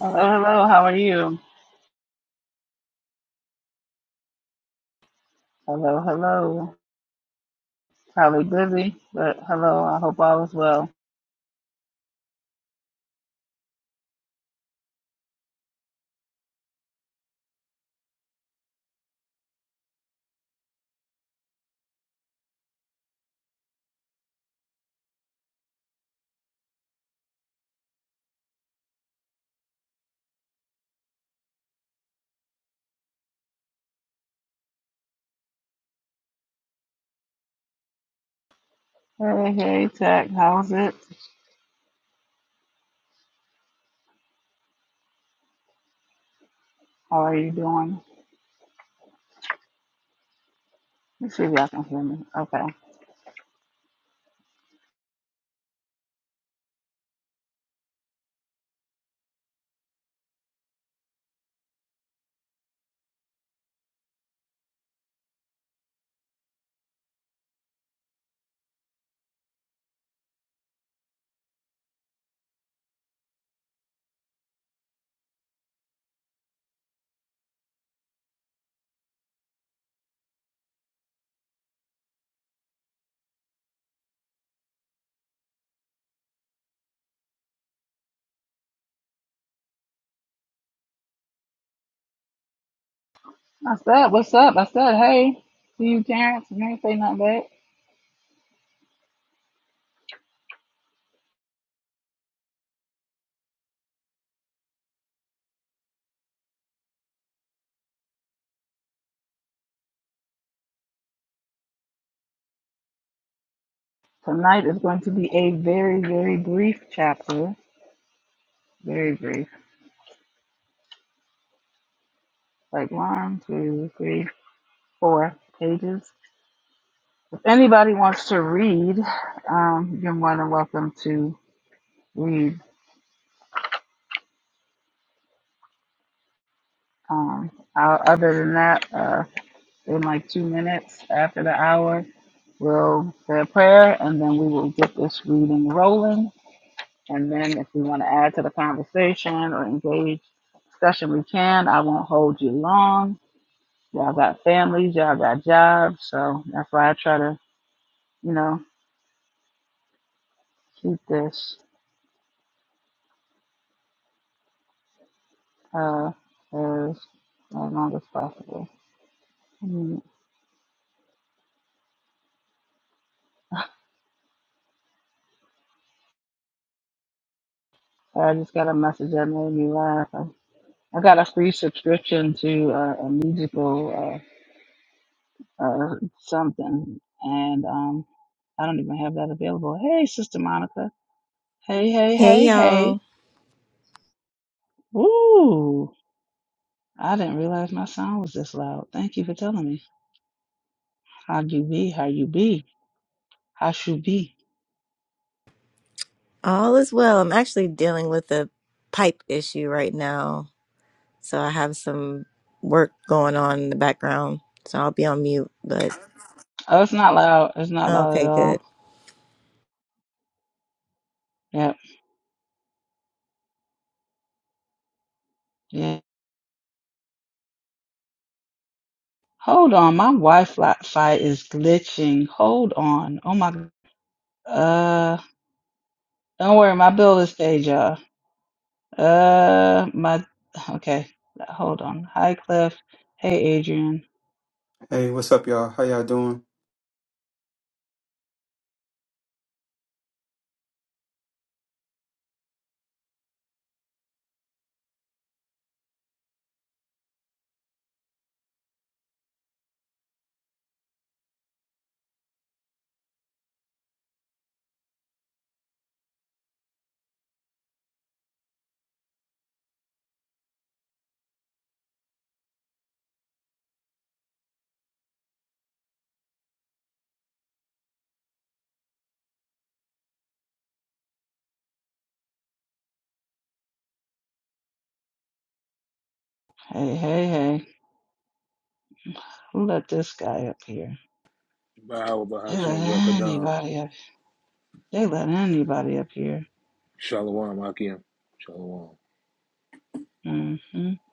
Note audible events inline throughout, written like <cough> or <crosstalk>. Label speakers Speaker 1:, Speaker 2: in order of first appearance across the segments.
Speaker 1: Hello, hello. How are you? Hello, hello. Probably busy, but hello. I hope all is well. Hey, hey, Tech. How's it? How are you doing? Let's see if y'all can hear me. Okay. I said, what's up? I said, hey. See you, Terrence. You ain't say nothing back. Tonight is going to be a very, very brief chapter. Very brief. Like one, two, three, four pages. If anybody wants to read, um, you're more than welcome to read. Um, o- other than that, uh, in like two minutes after the hour, we'll say a prayer and then we will get this reading rolling. And then if we want to add to the conversation or engage discussion, we can. I won't hold you long. Y'all got families, y'all got jobs. So that's why I try to, you know, keep this uh, as, as long as possible. Mm, I just got a message that made me laugh. I got a free subscription to uh, a musical uh, uh, something, and um, I don't even have that available. Hey, Sister Monica. Hey, hey,
Speaker 2: Hey
Speaker 1: hey, hey.
Speaker 2: y'all,
Speaker 1: Ooh, I didn't realize my sound was this loud. Thank you for telling me. How you be? How you be? How you be?
Speaker 2: all is well. I'm actually dealing with a pipe issue right now, so I have some work going on in the background, so I'll be on mute. But
Speaker 1: Oh, it's not loud. It's not loud at
Speaker 2: okay,
Speaker 1: all.
Speaker 2: good.
Speaker 1: Yep. Yeah. Hold on, my Wi-Fi is glitching. Hold on. Oh my. Uh, don't worry, my bill is paid, y'all. Uh, my okay. Hold on. Hi, Cliff. Hey, Adrian.
Speaker 3: Hey, what's up, y'all? How y'all doing?
Speaker 1: Hey, hey, hey. Who let this guy up here?
Speaker 4: Bahawa
Speaker 1: They let
Speaker 4: Bahashim Rekadam.
Speaker 1: anybody up. They let anybody up here.
Speaker 4: Shalom Akim. Shalom.
Speaker 1: hmm I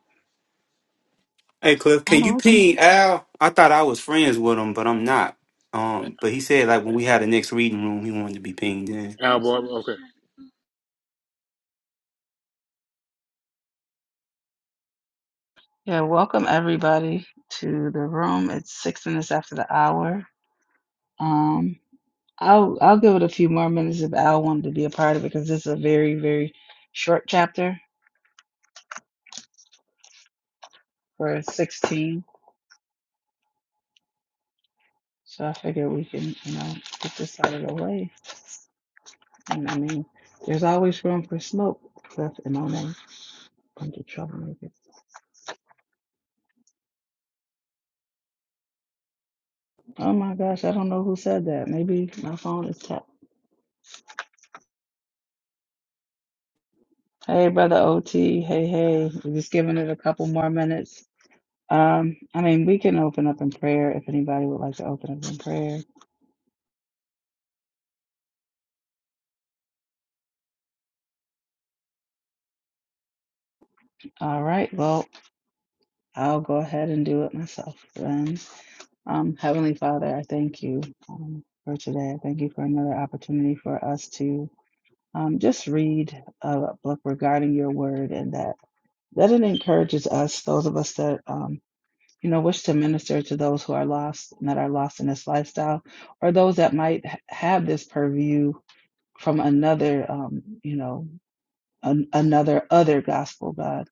Speaker 3: Hey, Cliff,
Speaker 1: don't
Speaker 3: can
Speaker 1: know.
Speaker 3: you
Speaker 1: What the-
Speaker 3: ping Al? I thought I was friends with him, but I'm not. Um, but he said like when we had the next reading room, he wanted to be pinged in.
Speaker 4: Album, okay.
Speaker 1: yeah. Welcome everybody to the room. It's six minutes after the hour. Um, I'll I'll give it a few more minutes if Al wanted to be a part of it because this is a very very short chapter for sixteen. So I figure we can you know get this out of the way. And I mean, there's always room for smoke, Seth and Monet. Bunch of troublemakers. Oh my gosh, I don't know who said that. Maybe my phone is tapped. Hey, brother OT. Hey, hey. We're just giving it a couple more minutes. Um, I mean, we can open up in prayer if anybody would like to open up in prayer. All right, well, I'll go ahead and do it myself then. Um, Heavenly Father, I thank you um, for today. I thank you for another opportunity for us to um, just read a book regarding your word and that. that it encourages us, those of us that um, you know wish to minister to those who are lost and that are lost in this lifestyle, or those that might ha- have this purview from another, um, you know, an, another other gospel. God,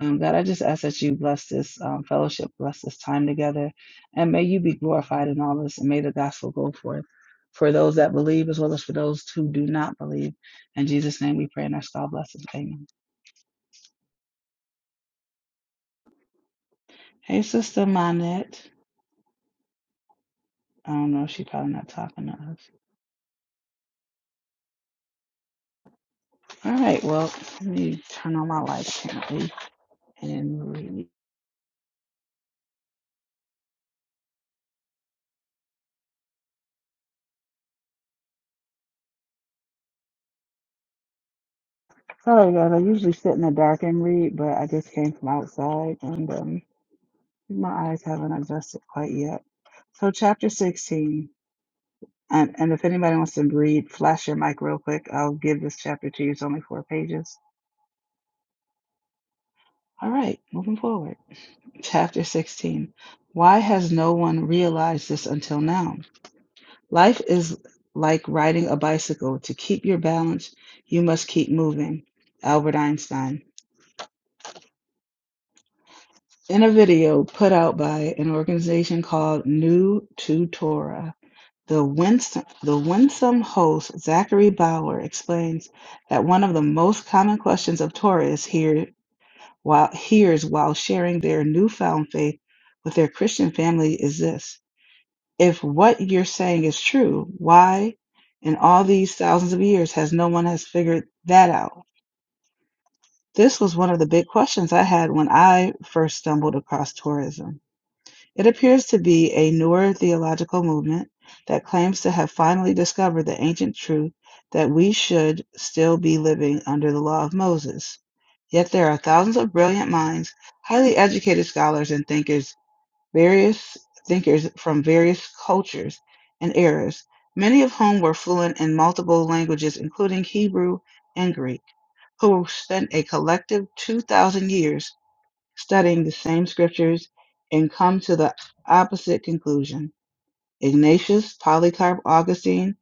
Speaker 1: um, God, I just ask that you bless this um, fellowship, bless this time together, and may you be glorified in all this, and may the gospel go forth. For those that believe, as well as for those who do not believe. In Jesus' name we pray and ask bless us. Amen. Hey, Sister Monette. I don't know. She probably not talking to us. All right. Well, let me turn on my lights currently and read. Sorry, guys. I usually sit in the dark and read, but I just came from outside and um, my eyes haven't adjusted quite yet. So, chapter 16. And, and if anybody wants to read, flash your mic real quick. I'll give this chapter to you. It's only four pages. All right. Moving forward. Chapter 16. Why has no one realized this until now? Life is like riding a bicycle. To keep your balance, you must keep moving. Albert Einstein. In a video put out by an organization called New to Torah, the winsome, the winsome host Zachary Bauer explains that one of the most common questions of Torah here while hears while sharing their newfound faith with their Christian family is this. If what you're saying is true, why in all these thousands of years has no one has figured that out? This was one of the big questions I had when I first stumbled across tourism. It appears to be a newer theological movement that claims to have finally discovered the ancient truth that we should still be living under the law of Moses. Yet there are thousands of brilliant minds, highly educated scholars and thinkers various thinkers from various cultures and eras, many of whom were fluent in multiple languages, including Hebrew and Greek, who spent a collective 2,000 years studying the same scriptures and come to the opposite conclusion. Ignatius, Polycarp, Augustine,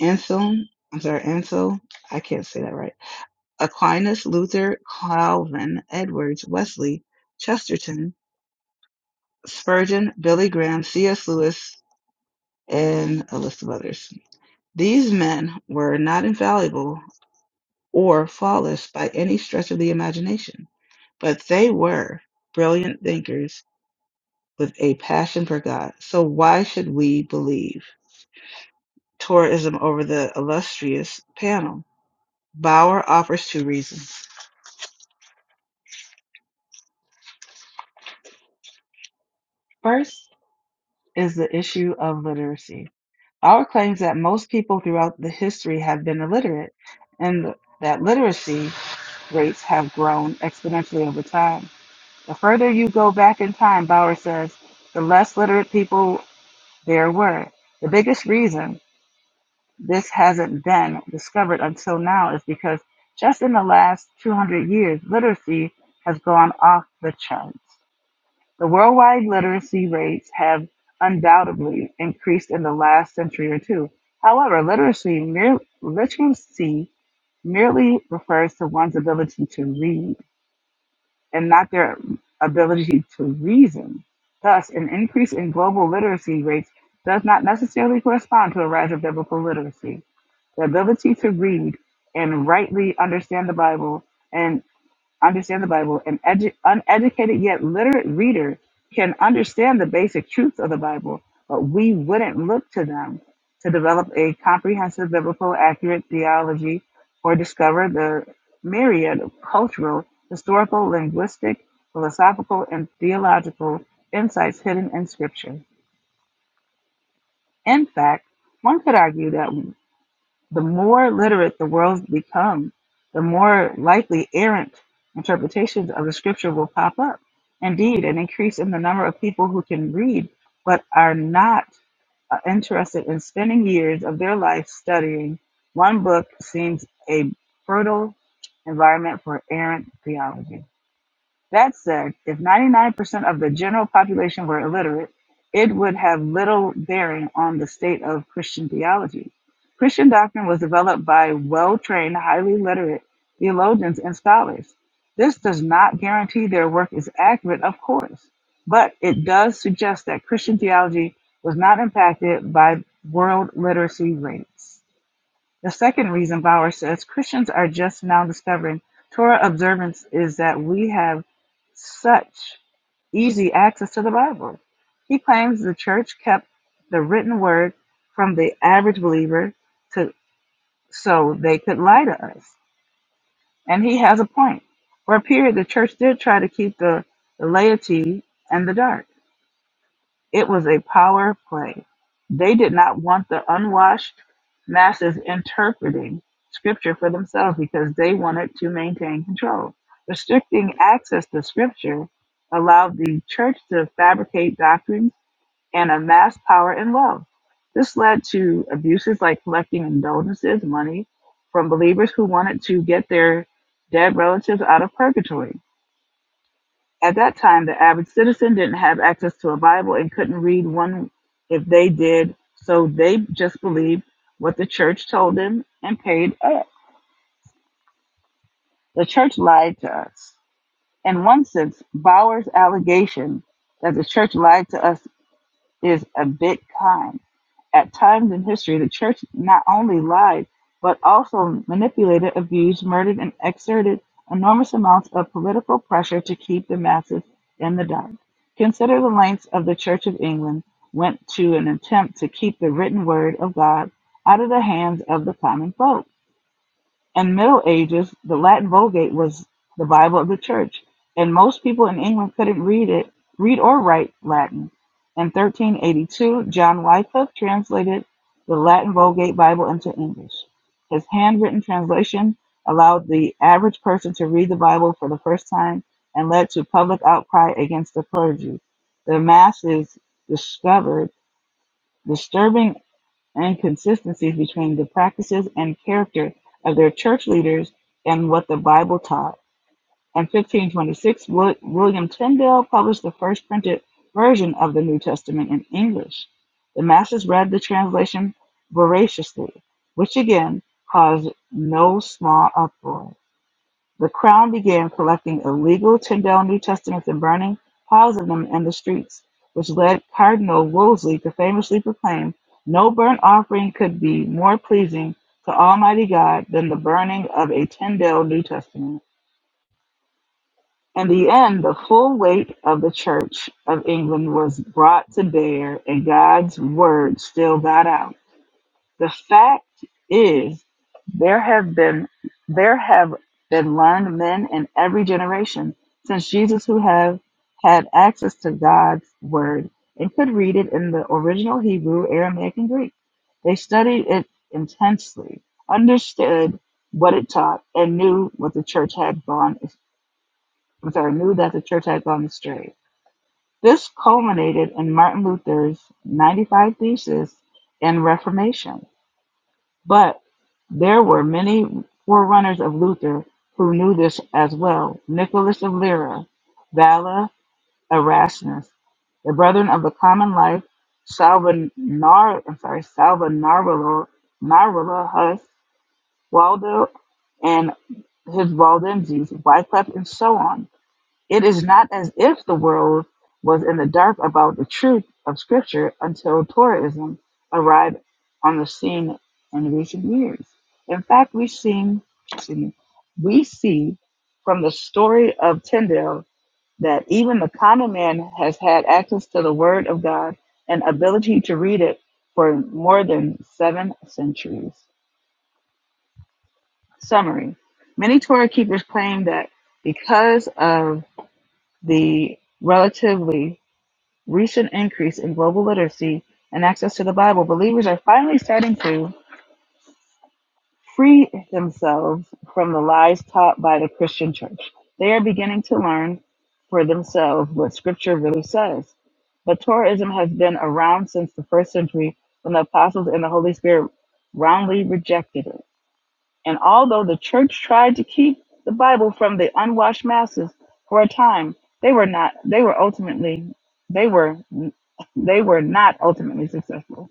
Speaker 1: Anselm, I'm sorry, Ansel, I can't say that right, Aquinas, Luther, Calvin, Edwards, Wesley, Chesterton, Spurgeon, Billy Graham, C.S. Lewis, and a list of others. These men were not infallible or flawless by any stretch of the imagination, but they were brilliant thinkers with a passion for God. So why should we believe tourism over the illustrious panel? Bauer offers two reasons. First is the issue of literacy. Bauer claims that most people throughout the history have been illiterate and that literacy rates have grown exponentially over time. The further you go back in time, Bauer says, the less literate people there were. The biggest reason this hasn't been discovered until now is because just in the last 200 years, literacy has gone off the charts. The worldwide literacy rates have undoubtedly increased in the last century or two. However, literacy, mere, literacy merely refers to one's ability to read and not their ability to reason. Thus, an increase in global literacy rates does not necessarily correspond to a rise of biblical literacy. The ability to read and rightly understand the Bible and understand the Bible, an edu- uneducated yet literate reader can understand the basic truths of the Bible, but we wouldn't look to them to develop a comprehensive biblical accurate theology or discover the myriad of cultural, historical, linguistic, philosophical, and theological insights hidden in Scripture. In fact, one could argue that the more literate the world becomes, the more likely errant interpretations of the scripture will pop up. Indeed, an increase in the number of people who can read but are not uh, interested in spending years of their life studying one book seems a fertile environment for errant theology. That said, if 99% of the general population were illiterate, it would have little bearing on the state of Christian theology. Christian doctrine was developed by well trained, highly literate theologians and scholars. This does not guarantee their work is accurate, of course, but it does suggest that Christian theology was not impacted by world literacy rates. The second reason Bauer says Christians are just now discovering Torah observance is that we have such easy access to the Bible. He claims the church kept the written word from the average believer to so they could lie to us. And he has a point. For a period the church did try to keep the, the laity in the dark. It was a power play; they did not want the unwashed masses interpreting Scripture for themselves because they wanted to maintain control. Restricting access to Scripture allowed the church to fabricate doctrines and amass power and wealth. This led to abuses like collecting indulgences, money, from believers who wanted to get their dead relatives out of purgatory at that time, the average citizen didn't have access to a Bible and couldn't read one if they did, so they just believed what the church told them and paid up. The church lied to us. In one sense, Bauer's allegation that the church lied to us is a bit kind. At times in history, the church not only lied, but also manipulated, abused, murdered, and exerted enormous amounts of political pressure to keep the masses in the dark. Consider the lengths of the Church of England went to an attempt to keep the written word of God out of the hands of the common folk. In Middle Ages, the Latin Vulgate was the Bible of the Church, and most people in England couldn't read it, read or write Latin. In 1382, John Wycliffe translated the Latin Vulgate Bible into English. His handwritten translation allowed the average person to read the Bible for the first time and led to public outcry against the clergy. The masses discovered disturbing and inconsistencies between the practices and character of their church leaders and what the Bible taught. In 1526, William Tyndale published the first printed version of the New Testament in English. The masses read the translation voraciously, which again caused no small uproar. The Crown began collecting illegal Tyndale New Testaments and burning piles of them in the streets, which led Cardinal Wolsey to famously proclaim, "No burnt offering could be more pleasing to Almighty God than the burning of a Tyndale New Testament." In the end, the full weight of the Church of England was brought to bear, and God's word still got out. The fact is. There have been there have been learned men in every generation since Jesus who have had access to God's word and could read it in the original Hebrew, Aramaic, and Greek. They studied it intensely, understood what it taught, and knew what the church had gone I'm sorry, knew that the church had gone astray. This culminated in Martin Luther's 95 Theses and Reformation. But there were many forerunners of Luther who knew this as well: Nicholas of Lyra, Valla, Erasmus, the Brethren of the Common Life, Salvanar, I'm sorry, Salvanarolo, Narula Hus, Waldo, and his Waldenses, Wycliffe, and so on. It is not as if the world was in the dark about the truth of Scripture until Torahism arrived on the scene in recent years. In fact, we see, excuse me, we see from the story of Tyndale that even the common man has had access to the Word of God and ability to read it for more than seven centuries. Summary Many Torah keepers claim that because of the relatively recent increase in global literacy and access to the Bible, believers are finally starting to free themselves from the lies taught by the Christian church. They are beginning to learn for themselves what Scripture really says. But Torahism has been around since the first century when the apostles and the Holy Spirit roundly rejected it. And although the church tried to keep the Bible from the unwashed masses for a time, they were not they were ultimately they were they were not ultimately successful.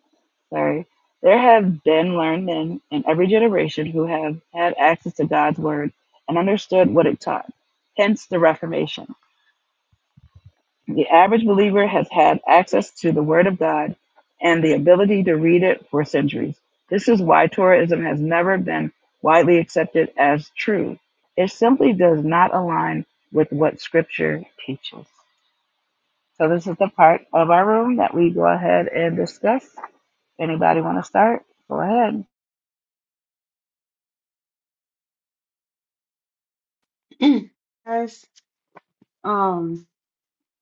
Speaker 1: Sorry. There have been learned men in every generation who have had access to God's word and understood what it taught. Hence the Reformation. The average believer has had access to the Word of God and the ability to read it for centuries. This is why Torahism has never been widely accepted as true. It simply does not align with what Scripture teaches. So this is the part of our room that we go ahead and discuss. Anybody want to start? Go ahead.
Speaker 5: Guys, um,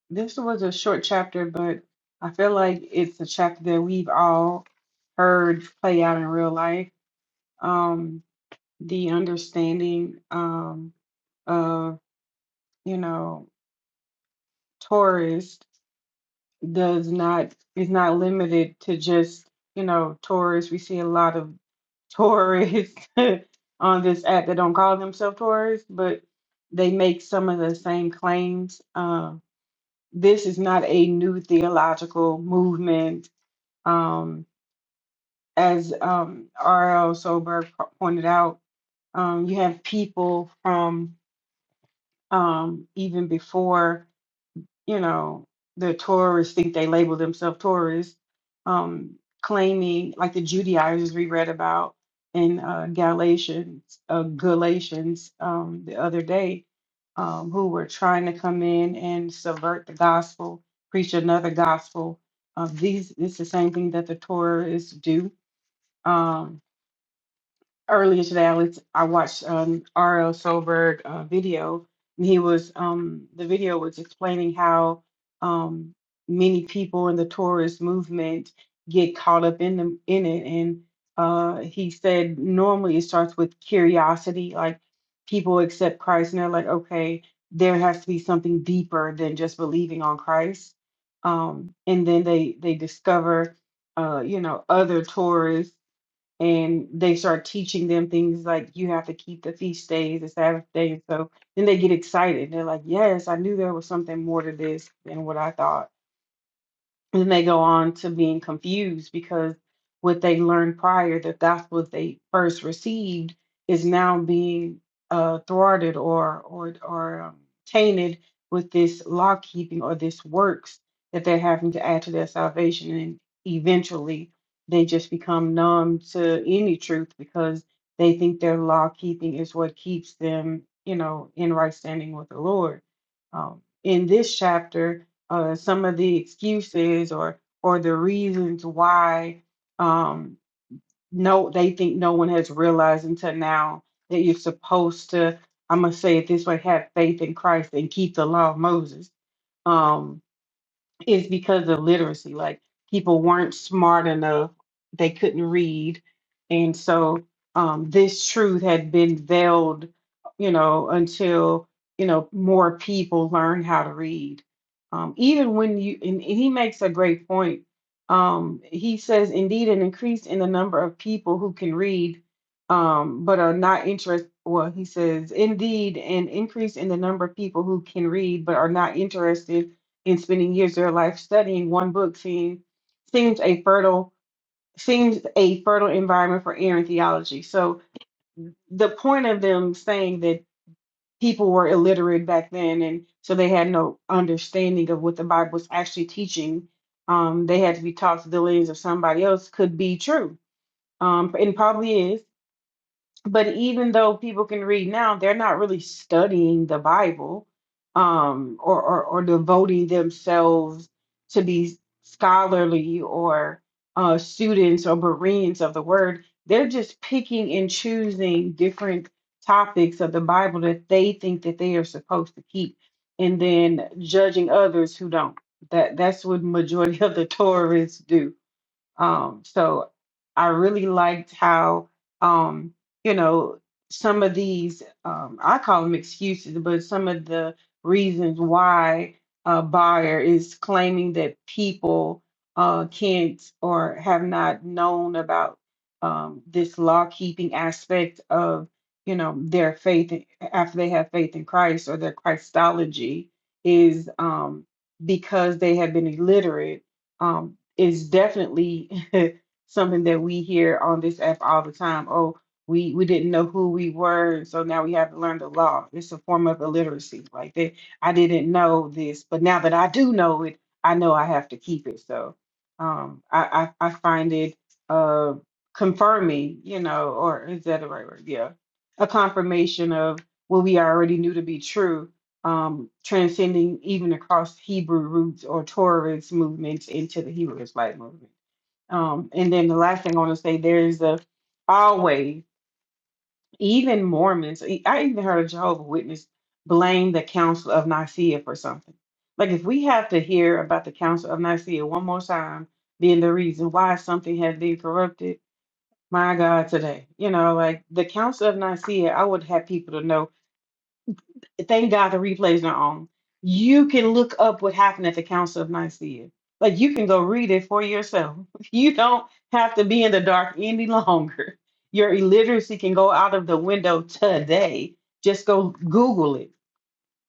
Speaker 5: this was a short chapter, but I feel like it's a chapter that we've all heard play out in real life. Um, the understanding um, of, you know, tourist does not is not limited to just, you know, tourists. We see a lot of tourists <laughs> on this app that don't call themselves tourists, but they make some of the same claims. um, this is not a new theological movement. Um, as um, R.L. Soberg pointed out, um, you have people from um, even before you know, the Tories think they label themselves Tories, um, claiming like the Judaizers we read about in uh, Galatians, uh, Galatians um, the other day, um, who were trying to come in and subvert the gospel, preach another gospel. Uh, these it's the same thing that the Tories do. um, earlier today, I, was, I watched um, R.L. Solberg uh, video, and he was um, the video was explaining how um, many people in the tourist movement get caught up in them in it, and uh, he said normally it starts with curiosity, like people accept Christ and they're like, okay, there has to be something deeper than just believing on Christ, um, and then they they discover, uh, you know, other tourists and they start teaching them things like you have to keep the feast days, the Sabbath day. And so then they get excited. They're like, yes, I knew there was something more to this than what I thought then they go on to being confused because what they learned prior that that's what they first received is now being uh, thwarted or or or um, tainted with this law keeping or this works that they're having to add to their salvation and eventually they just become numb to any truth because they think their law keeping is what keeps them you know in right standing with the lord um, in this chapter uh, some of the excuses or or the reasons why um, no they think no one has realized until now that you're supposed to I'm gonna say it this way have faith in Christ and keep the law of Moses. Um, is because of literacy. Like people weren't smart enough, they couldn't read. And so um, this truth had been veiled, you know, until, you know, more people learn how to read. Um, even when you, and he makes a great point. Um, he says, indeed, an increase in the number of people who can read, um, but are not interested. Well, he says, indeed, an increase in the number of people who can read, but are not interested and spending years of their life studying one book seems seems a fertile seems a fertile environment for errant theology. So the point of them saying that people were illiterate back then and so they had no understanding of what the Bible was actually teaching. Um, they had to be taught through the lens of somebody else could be true. Um, and probably is but even though people can read now, they're not really studying the Bible um, or, or, or devoting themselves to be scholarly or uh, students or Bereans of the word. They're just picking and choosing different topics of the Bible that they think that they are supposed to keep and then judging others who don't. That that's what majority <laughs> of the tourists do um, so I really liked how, um, you know, some of these, um, I call them excuses, but some of the reasons why a buyer is claiming that people uh, can't or have not known about um, this law keeping aspect of, you know, their faith in- after they have faith in Christ or their Christology is um, because they have been illiterate um, is definitely <laughs> something that we hear on this app all the time. Oh, we we didn't know who we were, so now we have to learn the law. It's a form of illiteracy. Like that, I didn't know this, but now that I do know it, I know I have to keep it. So um, I, I I find it uh, confirming, you know, or is that the right word? Yeah, a confirmation of what we already knew to be true um, transcending even across Hebrew roots or Torahist movements into the Hebrew Israelite movement. Um, and then the last thing I want to say there is a always, even Mormons, e- I even heard a Jehovah Witness blame the Council of Nicaea for something. Like if we have to hear about the Council of Nicaea one more time being the reason why something has been corrupted, my God, today. You know, like the Council of Nicaea, I would have people to know thank God the replays are on. You can look up what happened at the Council of Nicaea. Like you can go read it for yourself. <laughs> You don't have to be in the dark any longer. Your illiteracy can go out of the window today. Just go Google it,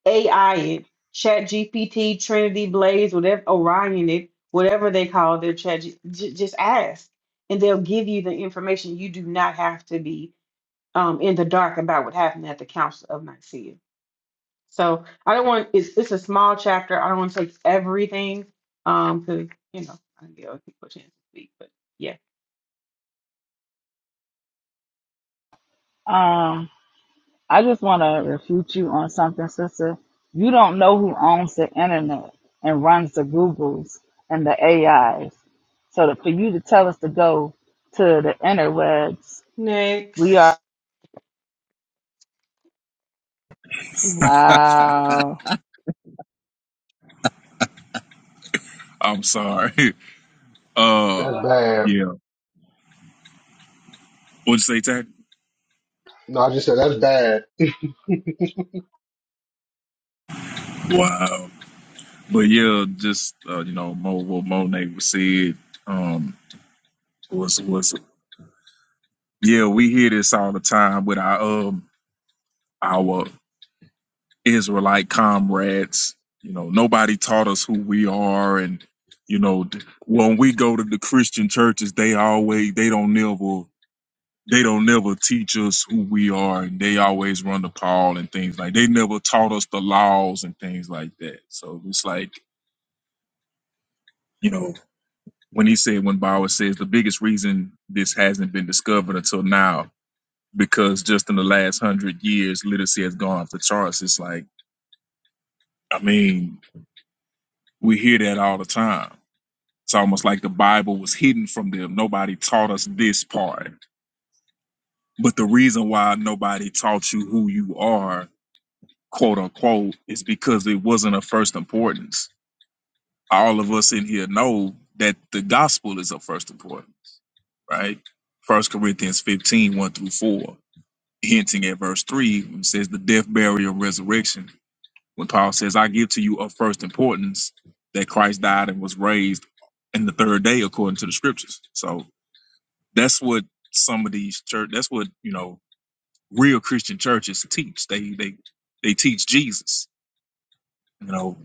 Speaker 5: AI it, Chat GPT, Trinity Blaze, whatever Orion it, whatever they call their chat. G- j- just ask, and they'll give you the information. You do not have to be um, in the dark about what happened at the Council of Nicaea so I don't want it's it's a small chapter. I don't want to take everything. Um, because you know, I don't give other people a chance to speak. But yeah.
Speaker 1: Um, I just want to refute you on something, sister. You don't know who owns the internet and runs the Googles and the AIs. So that for you to tell us to go to the interwebs, we are
Speaker 5: Next.
Speaker 6: <laughs>
Speaker 1: wow.
Speaker 6: I'm sorry. Uh,
Speaker 7: That's bad.
Speaker 6: yeah. What'd you say, Tat?
Speaker 7: No, I just said that's bad.
Speaker 6: Wow. But yeah, just uh, you know, Mo, what Monet was said. Um, was was yeah, we hear this all the time with our um our Israelite comrades. You know, nobody taught us who we are, and you know, d- when we go to the Christian churches, they always they don't never. they don't never teach us who we are and they always run the poll and things like they never taught us the laws and things like that so it's like you know when he said when bauer says the biggest reason this hasn't been discovered until now because just in the last hundred years literacy has gone off the charts it's like i mean we hear that all the time it's almost like the bible was hidden from them nobody taught us this part but the reason why nobody taught you who you are quote unquote, is because it wasn't of first importance. All of us in here know that the gospel is of first importance, right? First Corinthians fifteen one through 4, hinting at verse 3, when it says the death, burial, and resurrection. When Paul says, I give to you of first importance that Christ died and was raised in the third day according to the scriptures. So that's what some of these church that's what, you know, real Christian churches teach. They they they teach Jesus. You know,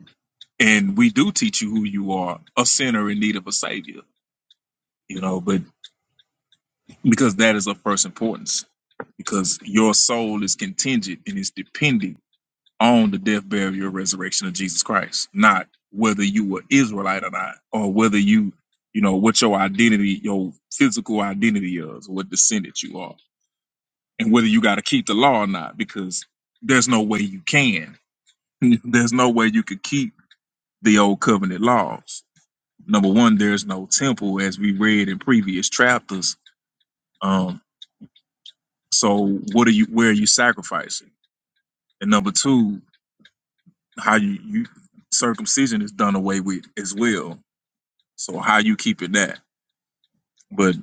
Speaker 6: and we do teach you who you are a sinner in need of a savior you know but because that is of first importance because your soul is contingent and is dependent on the death burial and resurrection of jesus christ not whether you were israelite or not or whether you you know what your identity your physical identity is what descendant you are and whether you got to keep the law or not because there's no way you can <laughs> there's no way you could keep the old covenant laws number one, there's no temple, as we read in previous chapters. Um, so what are you where are you sacrificing? And number two, how you, you circumcision is done away with as well. So how you keeping that? But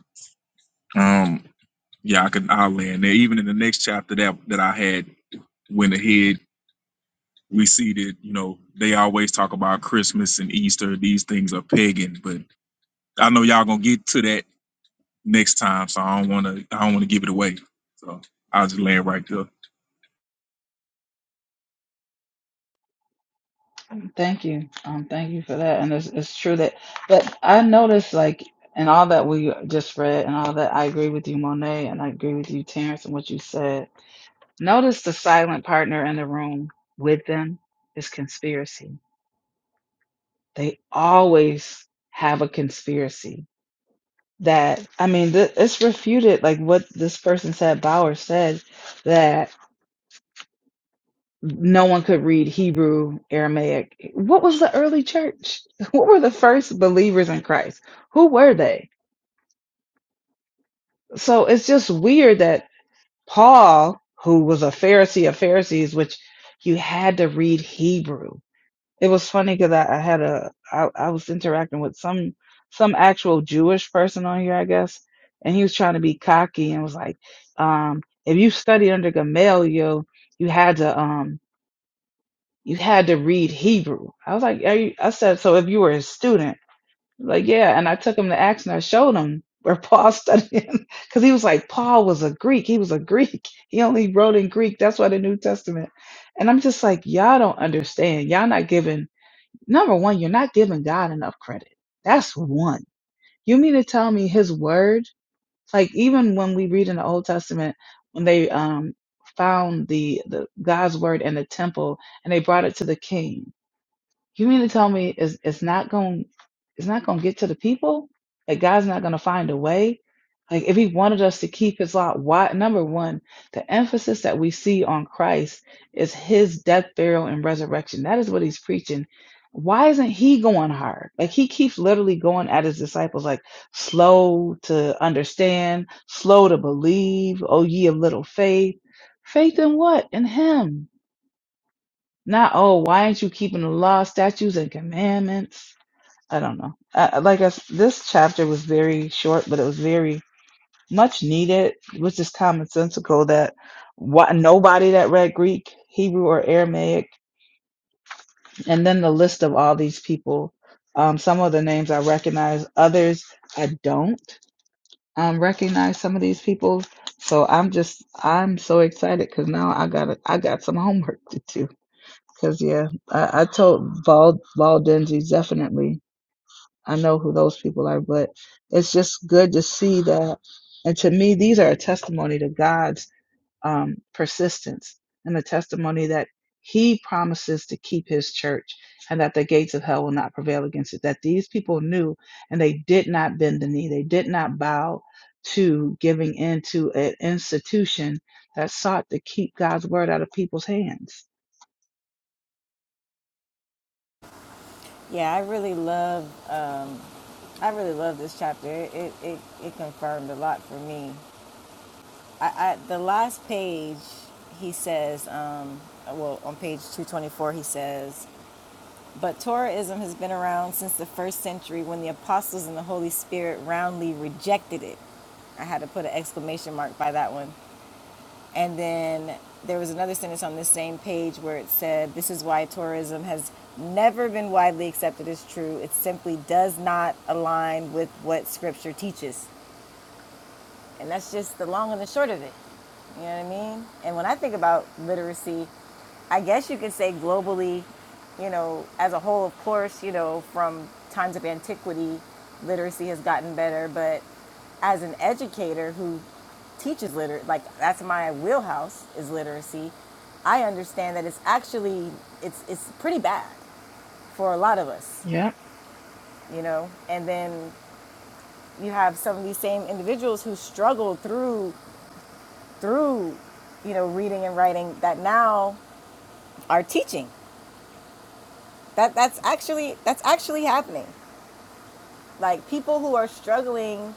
Speaker 6: um yeah, I can I'll land there. Even in the next chapter that that I had went ahead, we see that, you know, they always talk about Christmas and Easter, these things are pagan, but I know y'all gonna get to that next time, so I don't want to. I don't want to give it away. So I'll just land right there.
Speaker 1: Thank you, um, thank you for that. And it's it's true that, but I noticed like in all that we just read and all that, I agree with you, Monet, and I agree with you, Terrence, and what you said. Notice the silent partner in the room with them is conspiracy They always have a conspiracy that, I mean, th- it's refuted, like what this person said, Bauer said, that no one could read Hebrew, Aramaic. What was the early church? <laughs> What were the first believers in Christ? Who were they? So it's just weird that Paul, who was a Pharisee of Pharisees, which you had to read Hebrew It was funny because I, I had a I, I was interacting with some some actual Jewish person on here, I guess, and he was trying to be cocky and was like, um, if you studied under Gamaliel, you had to um you had to read Hebrew. I was like, Are you, I said, so if you were a student, like yeah, and I took him to Acts and I showed him where Paul <laughs> studied because he was like Paul was a Greek, he was a Greek, <laughs> he only wrote in Greek. That's why the New Testament. And I'm just like, y'all don't understand. Y'all not giving. Number one, you're not giving God enough credit. That's one. You mean to tell me his word? Like even when we read in the Old Testament, when they um found the, the God's word in the temple and they brought it to the king. You mean to tell me it's it's not going it's not going to get to the people? Like God's not going to find a way? Like if he wanted us to keep his law, why number one, the emphasis that we see on Christ is his death, burial, and resurrection. That is what he's preaching. Why isn't he going hard? Like he keeps literally going at his disciples like slow to understand, slow to believe, oh ye of little faith. Faith in what? In him. Not, oh, why aren't you keeping the law, statutes, and commandments? I don't know. I, I- like I, s- this chapter was very short, but it was very much needed. It was just commonsensical that why, nobody that read Greek, Hebrew, or Aramaic, and then the list of all these people. Um, some of the names I recognize, others I don't um, recognize. Some of these people, so I'm just I'm so excited because now I got I got some homework to do Cause yeah, I, I told Val Val Denzi definitely. I know who those people are, but it's just good to see that. And to me, these are a testimony to God's um, persistence and the testimony that He promises to keep His church and that the gates of hell will not prevail against it. That these people knew and they did not bend the knee, they did not bow to giving in to an institution that sought to keep God's word out of people's hands.
Speaker 2: Yeah, I really love. Um, I really love this chapter. It it, it, it confirmed a lot for me. I, I the last page, he says. Um, well, on page two twenty four, he says. But Torahism has been around since the first century when the apostles and the Holy Spirit roundly rejected it. I had to put an exclamation mark by that one. And then there was another sentence on this same page where it said, This is why Torahism has never been widely accepted as true. It simply does not align with what Scripture teaches. And that's just the long and the short of it. You know what I mean? And when I think about literacy, I guess you could say globally, you know, as a whole, of course, you know, from times of antiquity, literacy has gotten better. But as an educator who teaches liter, like that's my wheelhouse is literacy. I understand that it's actually it's it's pretty bad for a lot of us,
Speaker 1: Yeah.
Speaker 2: you know. And then you have some of these same individuals who struggle through through you know reading and writing that now are teaching that that's actually that's actually happening like people who are struggling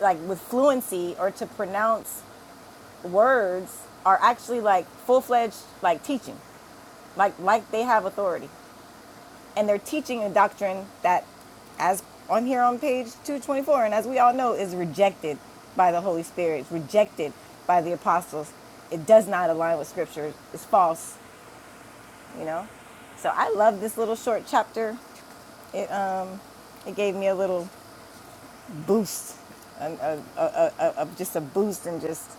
Speaker 2: like with fluency or to pronounce words are actually like full-fledged like teaching like like they have authority and they're teaching a doctrine that as on here on page 224 and as we all know is rejected by the holy spirit rejected by the apostles it does not align with scripture it's false you know? So I love this little short chapter. It, uh, it gave me a little boost, a, a, a, a, a- just a boost, and just,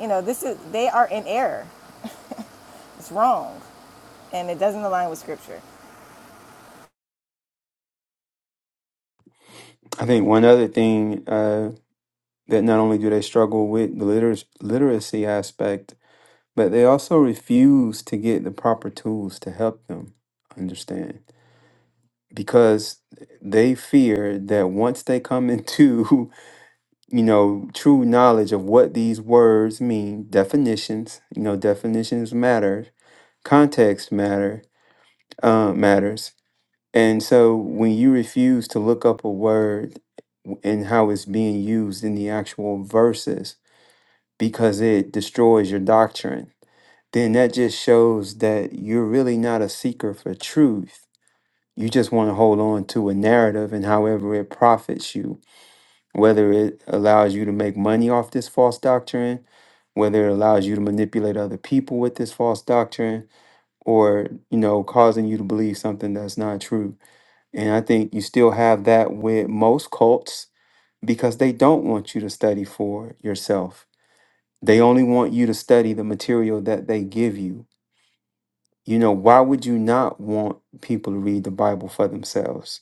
Speaker 2: you know, this is, they are in error. It's wrong, and it doesn't align with scripture.
Speaker 3: I think one other thing uh, that not only do they struggle with the liter- literacy aspect, but they also refuse to get the proper tools to help them understand because they fear that once they come into <laughs> you know, true knowledge of what these words mean, definitions, you know, definitions matter, context matter, uh, matters. And so when you refuse to look up a word and how it's being used in the actual verses because it destroys your doctrine, then that just shows that you're really not a seeker for truth. You just want to hold on to a narrative and however it profits you whether it allows you to make money off this false doctrine, whether it allows you to manipulate other people with this false doctrine, or you know, causing you to believe something that's not true. And I think you still have that with most cults because they don't want you to study for yourself. They only want you to study the material that they give you. You know, why would you not want people to read the Bible for themselves?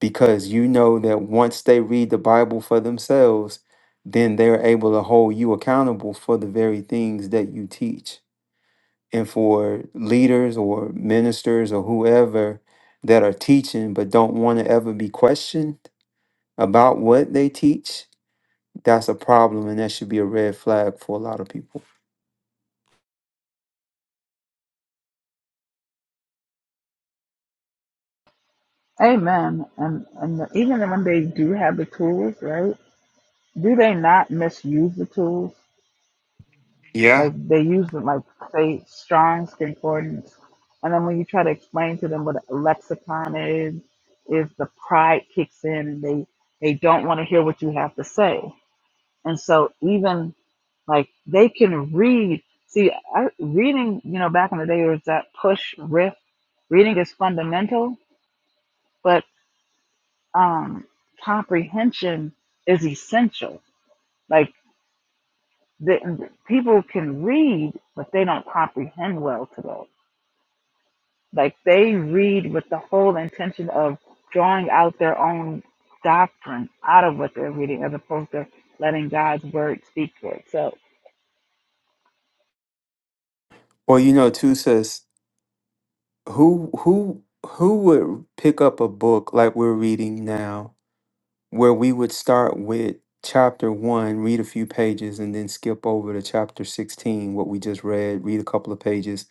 Speaker 3: because you know that once they read the Bible for themselves, then they're able to hold you accountable for the very things that you teach. And for leaders or ministers or whoever that are teaching but don't want to ever be questioned about what they teach, that's a problem and that should be a red flag for a lot of people.
Speaker 1: Amen. And and even when they do have the tools, right? Do they not misuse the tools?
Speaker 3: Yeah.
Speaker 1: Like they use them, like say Strong's concordance, and then when you try to explain to them what a lexicon is, is the pride kicks in, and they they don't want to hear what you have to say. And so even like they can read. See, I, reading, you know, back in the day there was that push riff. Reading is fundamental, but. um, comprehension is essential. Like the, people can read, but they don't comprehend well to those. Like they read with the whole intention of drawing out their own doctrine out of what they're reading, as opposed to letting God's word speak for itself.
Speaker 3: Well, you know, too, says who who who would pick up a book like we're reading now where we would start with chapter one, read a few pages, and then skip over to chapter 16, what we just read, read a couple of pages,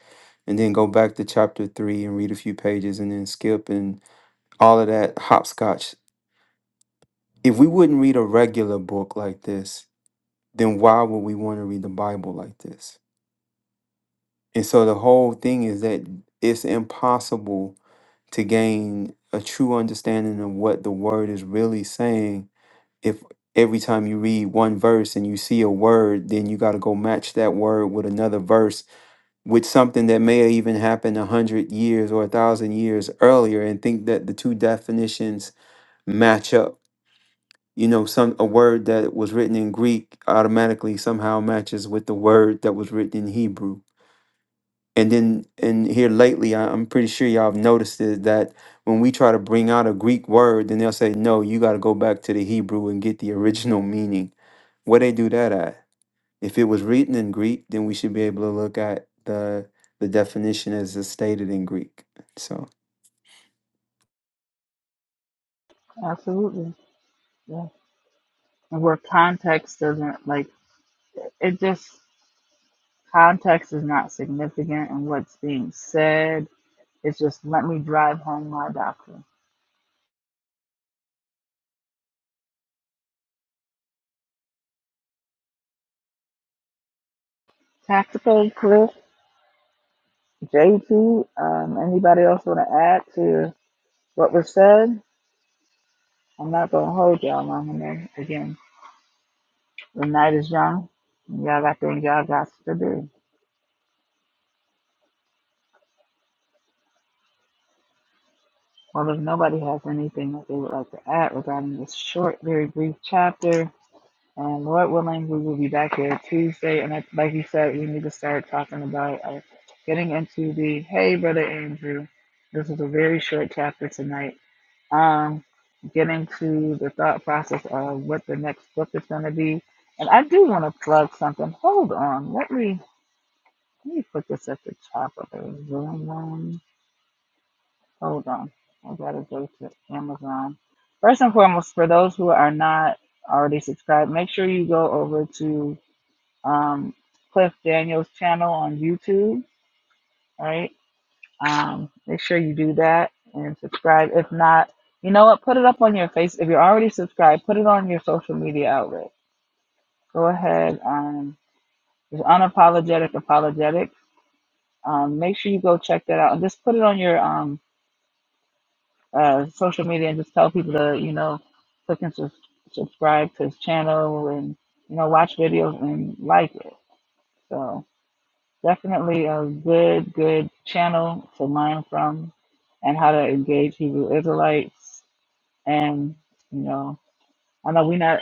Speaker 3: and then go back to chapter three and read a few pages, and then skip and all of that hopscotch. If we wouldn't read a regular book like this, then why would we want to read the Bible like this? And so the whole thing is that it's impossible to gain a true understanding of what the word is really saying if every time you read one verse and you see a word, then you got to go match that word with another verse with something that may have even happened a hundred years or a thousand years earlier, and think that the two definitions match up. You know, some a word that was written in Greek automatically somehow matches with the word that was written in Hebrew and then in here lately, I- I'm pretty sure y'all have noticed is that when we try to bring out a Greek word, then they'll say, no, you got to go back to the Hebrew and get the original meaning. Where they do that at? If it was written in Greek, then we should be able to look at the the definition as it's stated in Greek. So
Speaker 1: Absolutely, yeah. And where context doesn't like it, just context is not significant in what's being said. It's just let me drive home my doctrine. Tactical, cool. JT, um, anybody else want to add to what was said? I'm not going to hold y'all long enough. Again, the night is young. and Y'all got things y'all got to do. Well, if nobody has anything that they would like to add regarding this short, very brief chapter, and Lord willing, we will be back here Tuesday. And I- like you said, we need to start talking about uh, getting into the hey, Brother Andrew, this is a very short chapter tonight um, getting to the thought process of what the next book is going to be. And I do want to plug something. Hold on. Let me let me put this at the top of the Zoom room. Hold on. I gotta go to Amazon. First and foremost, for those who are not already subscribed, make sure you go over to um, Cliff Daniels' channel on YouTube. Right Um, make sure you do that and subscribe. If not, you know what? Put it up on your face. If you're already subscribed, put it on your social media outlet. Go ahead. Um, it's unapologetic apologetics. Um, make sure you go check that out and just put it on your um, uh, social media and just tell people to you know click and sus subscribe to his channel and you know watch videos and like it. So definitely a good good channel to learn from and how to engage Hebrew Israelites And, you know, I know we not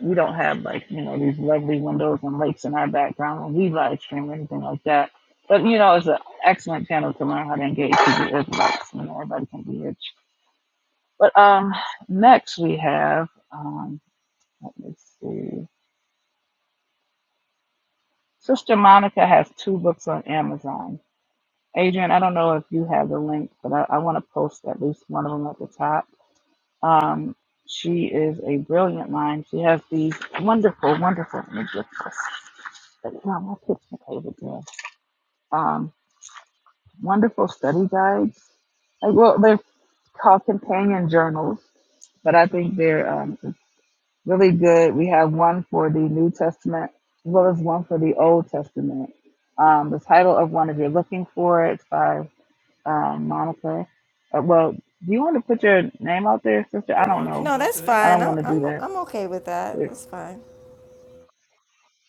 Speaker 1: we don't have like, you know, these lovely windows and lakes in our background when we live stream or anything like that. But you know, it's an excellent channel to learn how to engage with the Israelites. You know, everybody can be rich. But um next we have um let me see. Sister Monica has two books on Amazon. Adrian, I don't know if you have the link, but I, I want to post at least one of them at the top Um, she is a brilliant mind. She has these wonderful, wonderful, let me get this study. No, my kitchen paper there. Um, wonderful study guides. Like, well, they're called companion journals, but I think they're um, really good. We have one for the New Testament as well as one for the Old Testament. Um, the title of one, if you're looking for it, it's by um, Monica. Uh, well, do you want to put your name out there, sister? I don't know.
Speaker 2: No, that's
Speaker 1: I
Speaker 2: fine.
Speaker 1: don't
Speaker 2: I'm,
Speaker 1: want to do
Speaker 2: I'm, I'm
Speaker 1: that.
Speaker 2: okay with that. It's fine.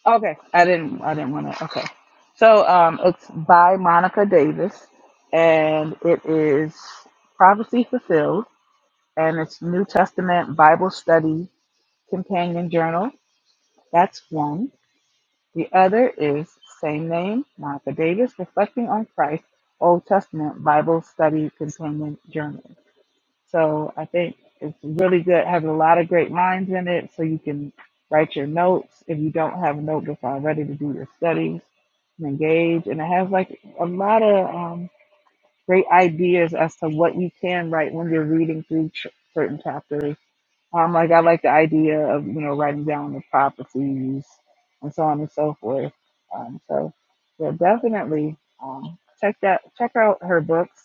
Speaker 1: Okay, I didn't. I didn't want to. Okay, so um, it's by Monica Davis, and it is prophecy fulfilled, and it's New Testament Bible Study Companion Journal. That's one. The other is same name, Monica Davis, reflecting on Christ, Old Testament Bible Study Companion Journal. So I think it's really good, having a lot of great lines in it so you can write your notes if you don't have a notebook already to do your studies and engage. And it has like a lot of um, great ideas as to what you can write when you're reading through ch- certain chapters. Um, like I like the idea of, you know, writing down the properties and so on and so forth. Um, so yeah, definitely um, check that, check out her books.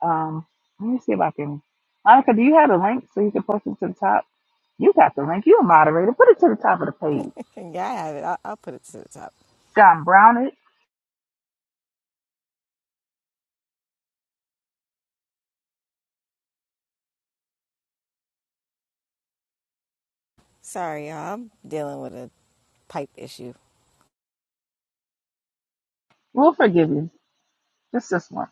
Speaker 1: Um, let me see if I can. Monica, do you have the link so you can post it to the top? You got the link. You a moderator. Put it to the top of the page.
Speaker 2: <laughs> yeah, I have it. I'll, I'll put it to the top.
Speaker 1: John Brown it.
Speaker 2: Sorry, y'all. I'm dealing with a pipe issue.
Speaker 1: We'll forgive you. Just this one.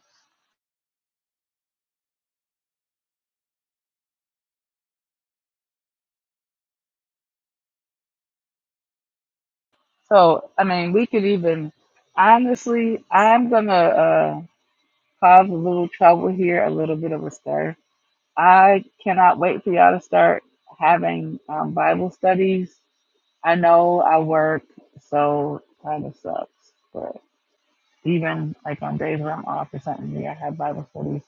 Speaker 1: So I mean, we could even. Honestly, I'm gonna uh, cause a little trouble here, a little bit of a stir. I cannot wait for y'all to start having um, Bible studies. I know I work, so kind of sucks, Even like on days where I'm off or something, yeah, I have Bible studies,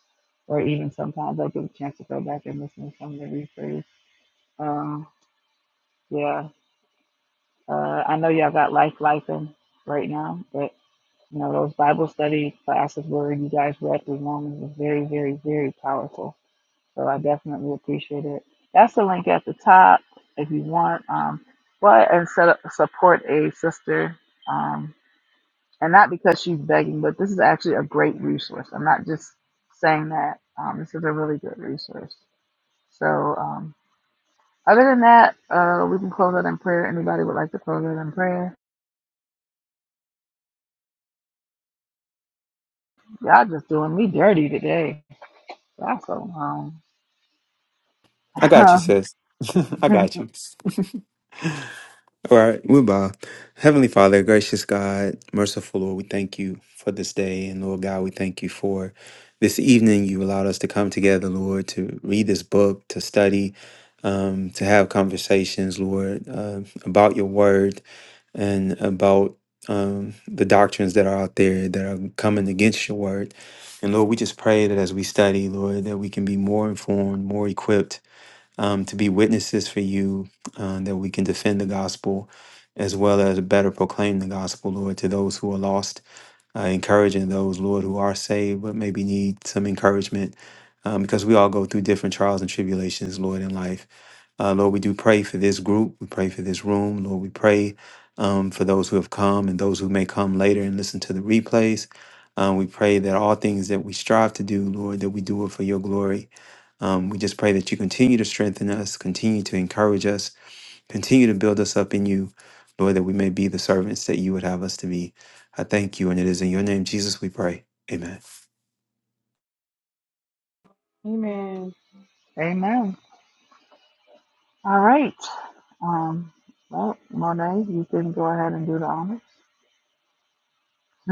Speaker 1: or even sometimes I get a chance to go back and listen to some of the replays. Um, yeah, uh, I know y'all got life life in right now, but you know those Bible study classes where you guys read through Romans was very, very, very powerful. So I definitely appreciate it. That's the link at the top if you want. Um, but and set up support a sister. Um, and not because she's begging, but this is actually a great resource. I'm not just saying that. Um, this is a really good resource. So, um, other than that, uh, we can close out in prayer. Anybody would like to close out in prayer? Y'all just doing me dirty today. Y'all so long.
Speaker 3: I got you,
Speaker 1: <laughs>
Speaker 3: sis. <laughs> I got you. All right, we bow. Heavenly Father, gracious God, merciful Lord, we thank you for this day. And Lord God, we thank you for this evening. You allowed us to come together, Lord, to read this book, to study, um, to have conversations, Lord, uh, about your word and about um, the doctrines that are out there that are coming against your word. And Lord, we just pray that as we study, Lord, that we can be more informed, more equipped um, to be witnesses for you, uh, that we can defend the gospel as well as better proclaim the gospel, Lord, to those who are lost, uh, encouraging those, Lord, who are saved but maybe need some encouragement um, because we all go through different trials and tribulations, Lord, in life. Uh, Lord, we do pray for this group. We pray for this room. Lord, we pray um, for those who have come and those who may come later and listen to the replays. Um, we pray that all things that we strive to do, Lord, that we do it for your glory. Um, we just pray that you continue to strengthen us, continue to encourage us, continue to build us up in you, Lord, that we may be the servants that you would have us to be. I thank you, and it is in your name, Jesus, we pray. Amen.
Speaker 5: Amen.
Speaker 1: Amen. All right. Um, well, Monet, you can go ahead and do the honors. <laughs>